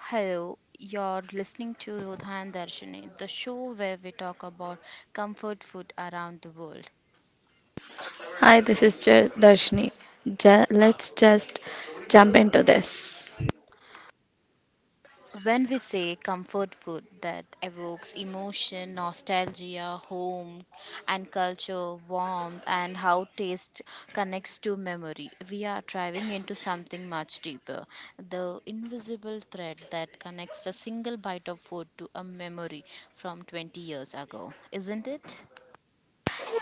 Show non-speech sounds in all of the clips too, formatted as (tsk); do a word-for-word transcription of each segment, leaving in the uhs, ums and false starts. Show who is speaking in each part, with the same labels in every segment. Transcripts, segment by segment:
Speaker 1: Hello, you're listening to Rodha and Darshini, the show where we talk about comfort food around the world.
Speaker 2: Hi, this is J- Darshini. Ja let's just jump into this.
Speaker 1: When we say comfort food that evokes emotion, nostalgia, home and culture, warmth, and how taste connects to memory, we are driving into something much deeper, the invisible thread that connects a single bite of food to a memory from twenty years ago, isn't it?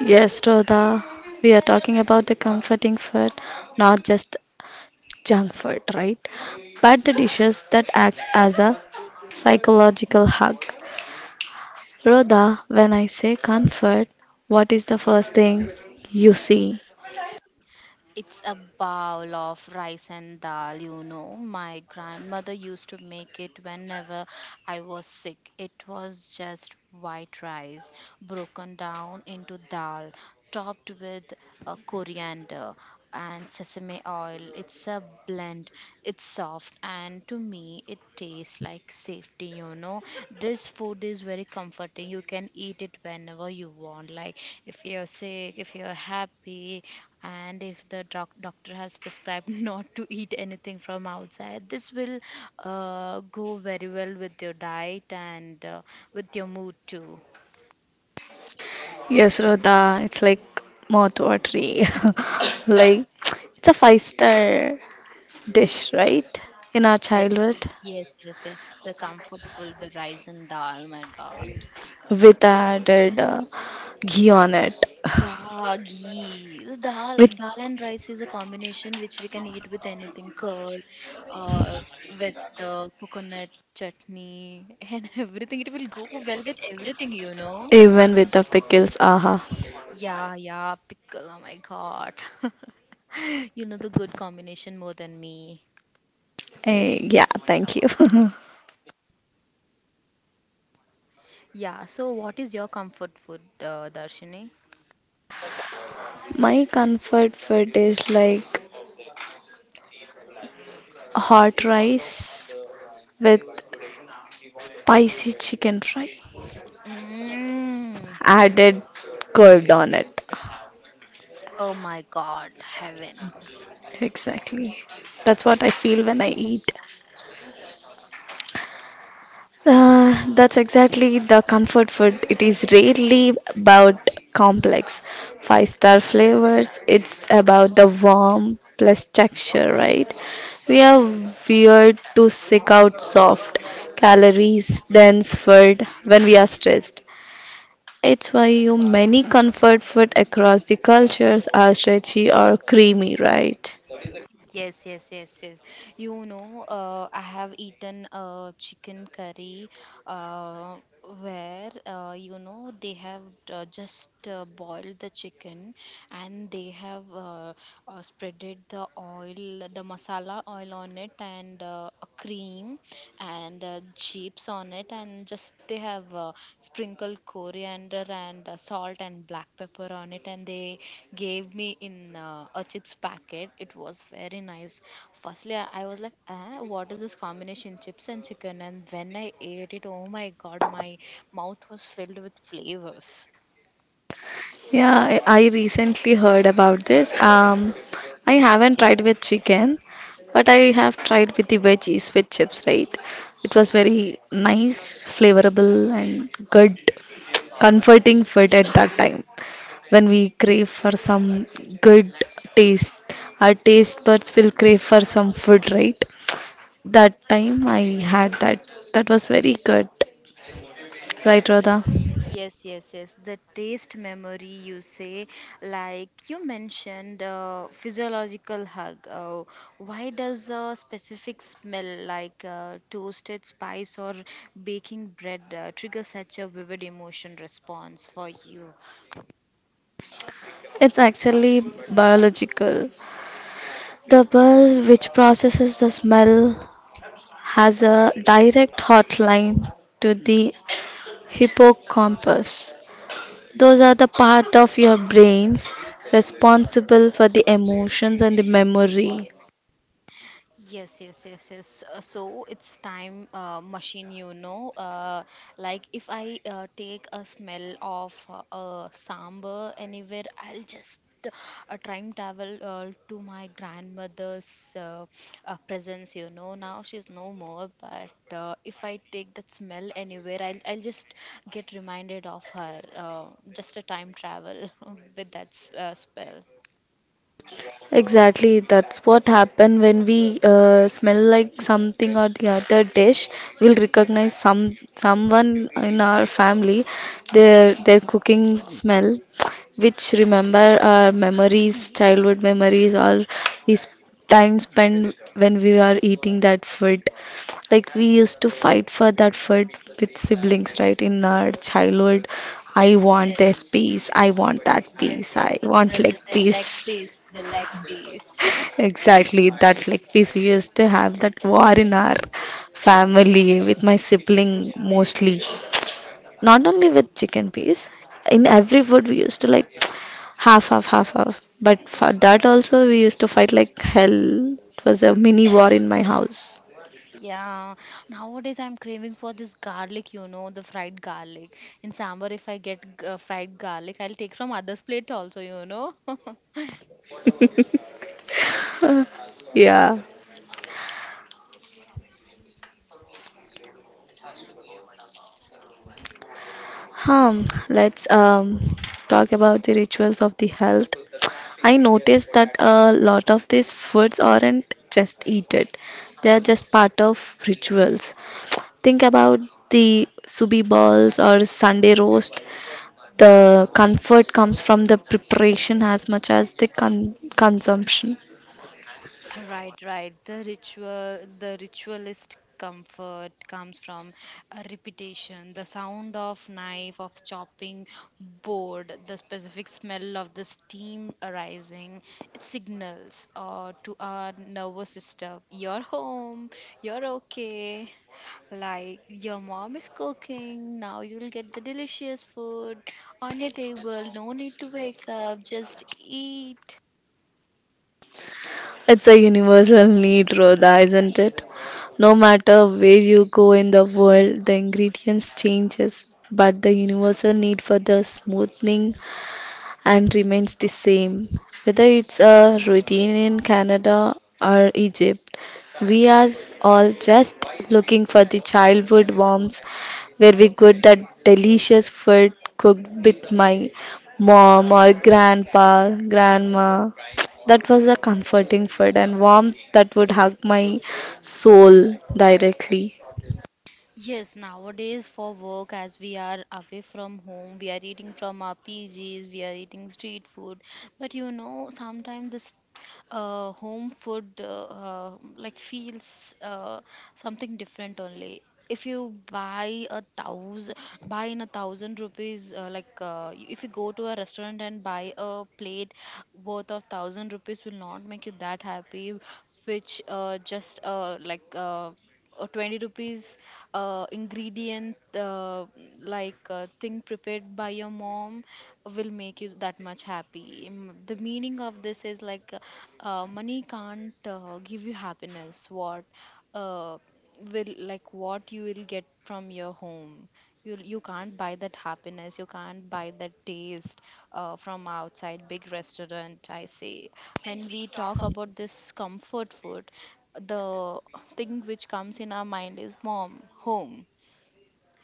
Speaker 2: Yes, Rodha, we are talking about the comforting food, not just junk food, right? But the dishes that acts as a psychological hug. Rodha, when I say comfort, what is the first thing you see?
Speaker 1: It's a bowl of rice and dal, you know. My grandmother used to make it whenever I was sick. It was just white rice broken down into dal, topped with uh, coriander and sesame oil. It's a blend. It's soft and to me it tastes like safety, you know. This food is very comforting. You can eat it whenever you want. Like if you're sick, if you're happy, and if the doc- doctor has prescribed (laughs) not to eat anything from outside. This will uh, go very well with your diet and uh, with your mood too.
Speaker 2: Yes, Rodha, it's like mouth watery. (laughs) like it's a five star dish, right? In our
Speaker 1: Yes,
Speaker 2: childhood.
Speaker 1: yes, yes, yes, the comfort food, the rice and dal, my god.
Speaker 2: With added uh, ghee on it.
Speaker 1: Yeah, ghee. The dal
Speaker 2: With
Speaker 1: dal and rice is a combination which we can eat with anything. Curd, uh, with uh, coconut chutney (laughs) and everything, it will go well with everything, you know.
Speaker 2: even with the pickles, aha.
Speaker 1: Yeah, yeah, pickle. Oh my god. (laughs) You know the good combination more than me.
Speaker 2: Eh, yeah, thank you. (laughs)
Speaker 1: Yeah, so what is your comfort food, uh, Darshini?
Speaker 2: My comfort food is like hot rice with spicy chicken fry
Speaker 1: Mm.
Speaker 2: added curd on it.
Speaker 1: Oh my god, heaven.
Speaker 2: Exactly. That's what I feel when I eat. Uh, that's exactly the comfort food. It is rarely about complex five star flavors. It's about the warm plus texture, right? We are weird to seek out soft, calories dense food when we are stressed. It's why you many comfort food across the cultures are stretchy or creamy, right?
Speaker 1: Yes, yes, yes, yes. You know, uh, I have eaten uh, chicken curry uh, where, uh, you know, they have uh, just uh, boiled the chicken and they have uh, uh, spreaded the oil, the masala oil on it, and uh, a cream and uh, chips on it, and just they have uh, sprinkled coriander and uh, salt and black pepper on it, and they gave me in uh, a chips packet. It was very nice. Firstly, i, I was like, ah, what is this combination, chips and chicken? And when I ate it, oh my god, my mouth was filled with flavors.
Speaker 2: Yeah, I I recently heard about this. Um, I haven't tried with chicken, but I have tried with the veggies with chips, right? It was very nice, flavorable, and good, comforting food at that time when we crave for some good taste. Our taste buds will crave for some food, right? That time I had that. That was very good, right, Rhoda?
Speaker 1: Yes, yes, yes. The taste memory, you say, like you mentioned, uh, physiological hug. Uh, why does a specific smell like uh, toasted spice or baking bread uh, trigger such a vivid emotion response for you?
Speaker 2: It's actually biological. The bus which processes the smell has a direct hotline to the hippocampus. Those are the part of your brains responsible for the emotions and the memory.
Speaker 1: Yes, yes, yes, yes. Uh, so it's time uh, machine, you know. Uh, like if I uh, take a smell of uh, uh, sambar anywhere, I'll just uh, time travel uh, to my grandmother's uh, uh, presence, you know. Now she's no more, but uh, if I take that smell anywhere, I'll I'll just get reminded of her. Uh, just a time travel (laughs) with that s- uh, spell.
Speaker 2: Exactly, that's what happen when we uh, smell like something or the other dish. We'll recognize some someone in our family, their their cooking smell, which remember our memories, childhood memories, or is time spent when we are eating that food. Like we used to fight for that food with siblings, right? In our childhood, I want
Speaker 1: Yes.
Speaker 2: this piece, I want that
Speaker 1: Yes,
Speaker 2: piece,
Speaker 1: yes,
Speaker 2: I
Speaker 1: yes. The,
Speaker 2: want leg
Speaker 1: the, the leg piece,
Speaker 2: piece.
Speaker 1: the leg piece. (laughs)
Speaker 2: Exactly that like piece we used to have that war in our family with my sibling mostly. Not only with chicken piece, in every food we used to like (tsk) half, half, half, half. But for that also we used to fight like hell. It was a mini war in my house.
Speaker 1: Yeah, nowadays I'm craving for this garlic, you know, the fried garlic. In sambar, if I get g- uh, fried garlic, I'll take from others' plate also, you know. (laughs)
Speaker 2: Yeah. Hmm, let's um, talk about the rituals of the health. I noticed that a lot of these foods aren't just eaten; they are just part of rituals. Think about the subi balls or Sunday roast. The comfort comes from the preparation as much as the con- consumption.
Speaker 1: Right, right. The ritual, the ritualist comfort comes from a repetition. The sound of knife, of chopping board, the specific smell of the steam arising, it signals uh, to our nervous system, you're home, you're okay. Like your mom is cooking, now you'll get the delicious food on your table. No need to wake up, just eat.
Speaker 2: It's a universal need, Rhoda, isn't it? No matter where you go in the world, the ingredients changes, but the universal need for the smoothing and remains the same. Whether it's a routine in Canada or Egypt, we are all just looking for the childhood warmth where we got that delicious food cooked with my mom or grandpa, grandma. That was a comforting food and warmth that would hug my soul directly.
Speaker 1: Yes, nowadays for work, as we are away from home, we are eating from our P G's. We are eating street food. But you know, sometimes this uh, home food uh, uh, like feels uh, something different only. If you buy a thousand, buy in a thousand rupees, uh, like uh, if you go to a restaurant and buy a plate worth of thousand rupees, will not make you that happy. Which uh, just uh, like uh, uh, twenty rupees uh, ingredient uh, like uh, thing prepared by your mom will make you that much happy. Mm, the meaning of this is like uh, uh, money can't uh, give you happiness. What uh, will like what you will get from your home, you you can't buy that happiness, you can't buy that taste uh, from outside big restaurant, I say. When we talk about this comfort food, the thing which comes in our mind is mom, home,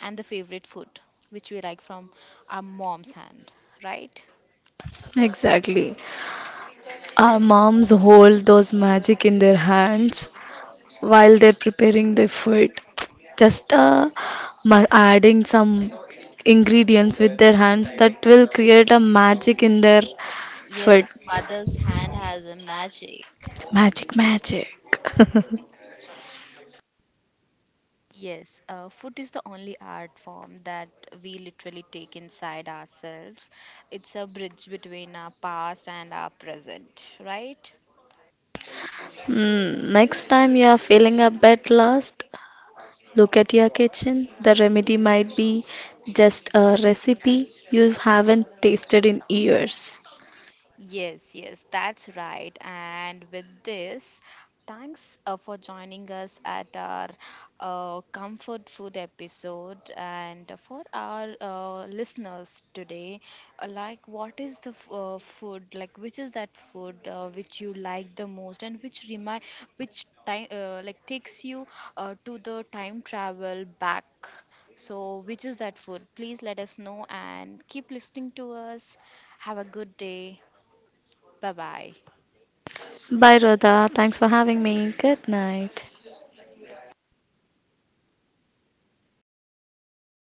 Speaker 1: and the favorite food which we like from our mom's hand, right?
Speaker 2: Exactly. Our moms hold those magic in their hands while they're preparing the food. Just uh, ma- adding some ingredients with their hands that will create a magic in their food.
Speaker 1: Yes, mother's hand has a magic.
Speaker 2: Magic, magic. (laughs)
Speaker 1: Yes, uh, food is the only art form that we literally take inside ourselves. It's a bridge between our past and our present, right?
Speaker 2: Hmm, next time you are feeling a bit lost, look at your kitchen. The remedy might be just a recipe you haven't tasted in years.
Speaker 1: Yes, yes, that's right. And with this, thanks uh, for joining us at our uh, comfort food episode. And for our uh, listeners today, uh, like, what is the f- uh, food? Like, which is that food uh, which you like the most, and which remind, which time, uh, like, takes you uh, to the time travel back. So, which is that food? Please let us know and keep listening to us. Have a good day. Bye bye.
Speaker 2: Bye, Rhoda. Thanks for having me. Good night.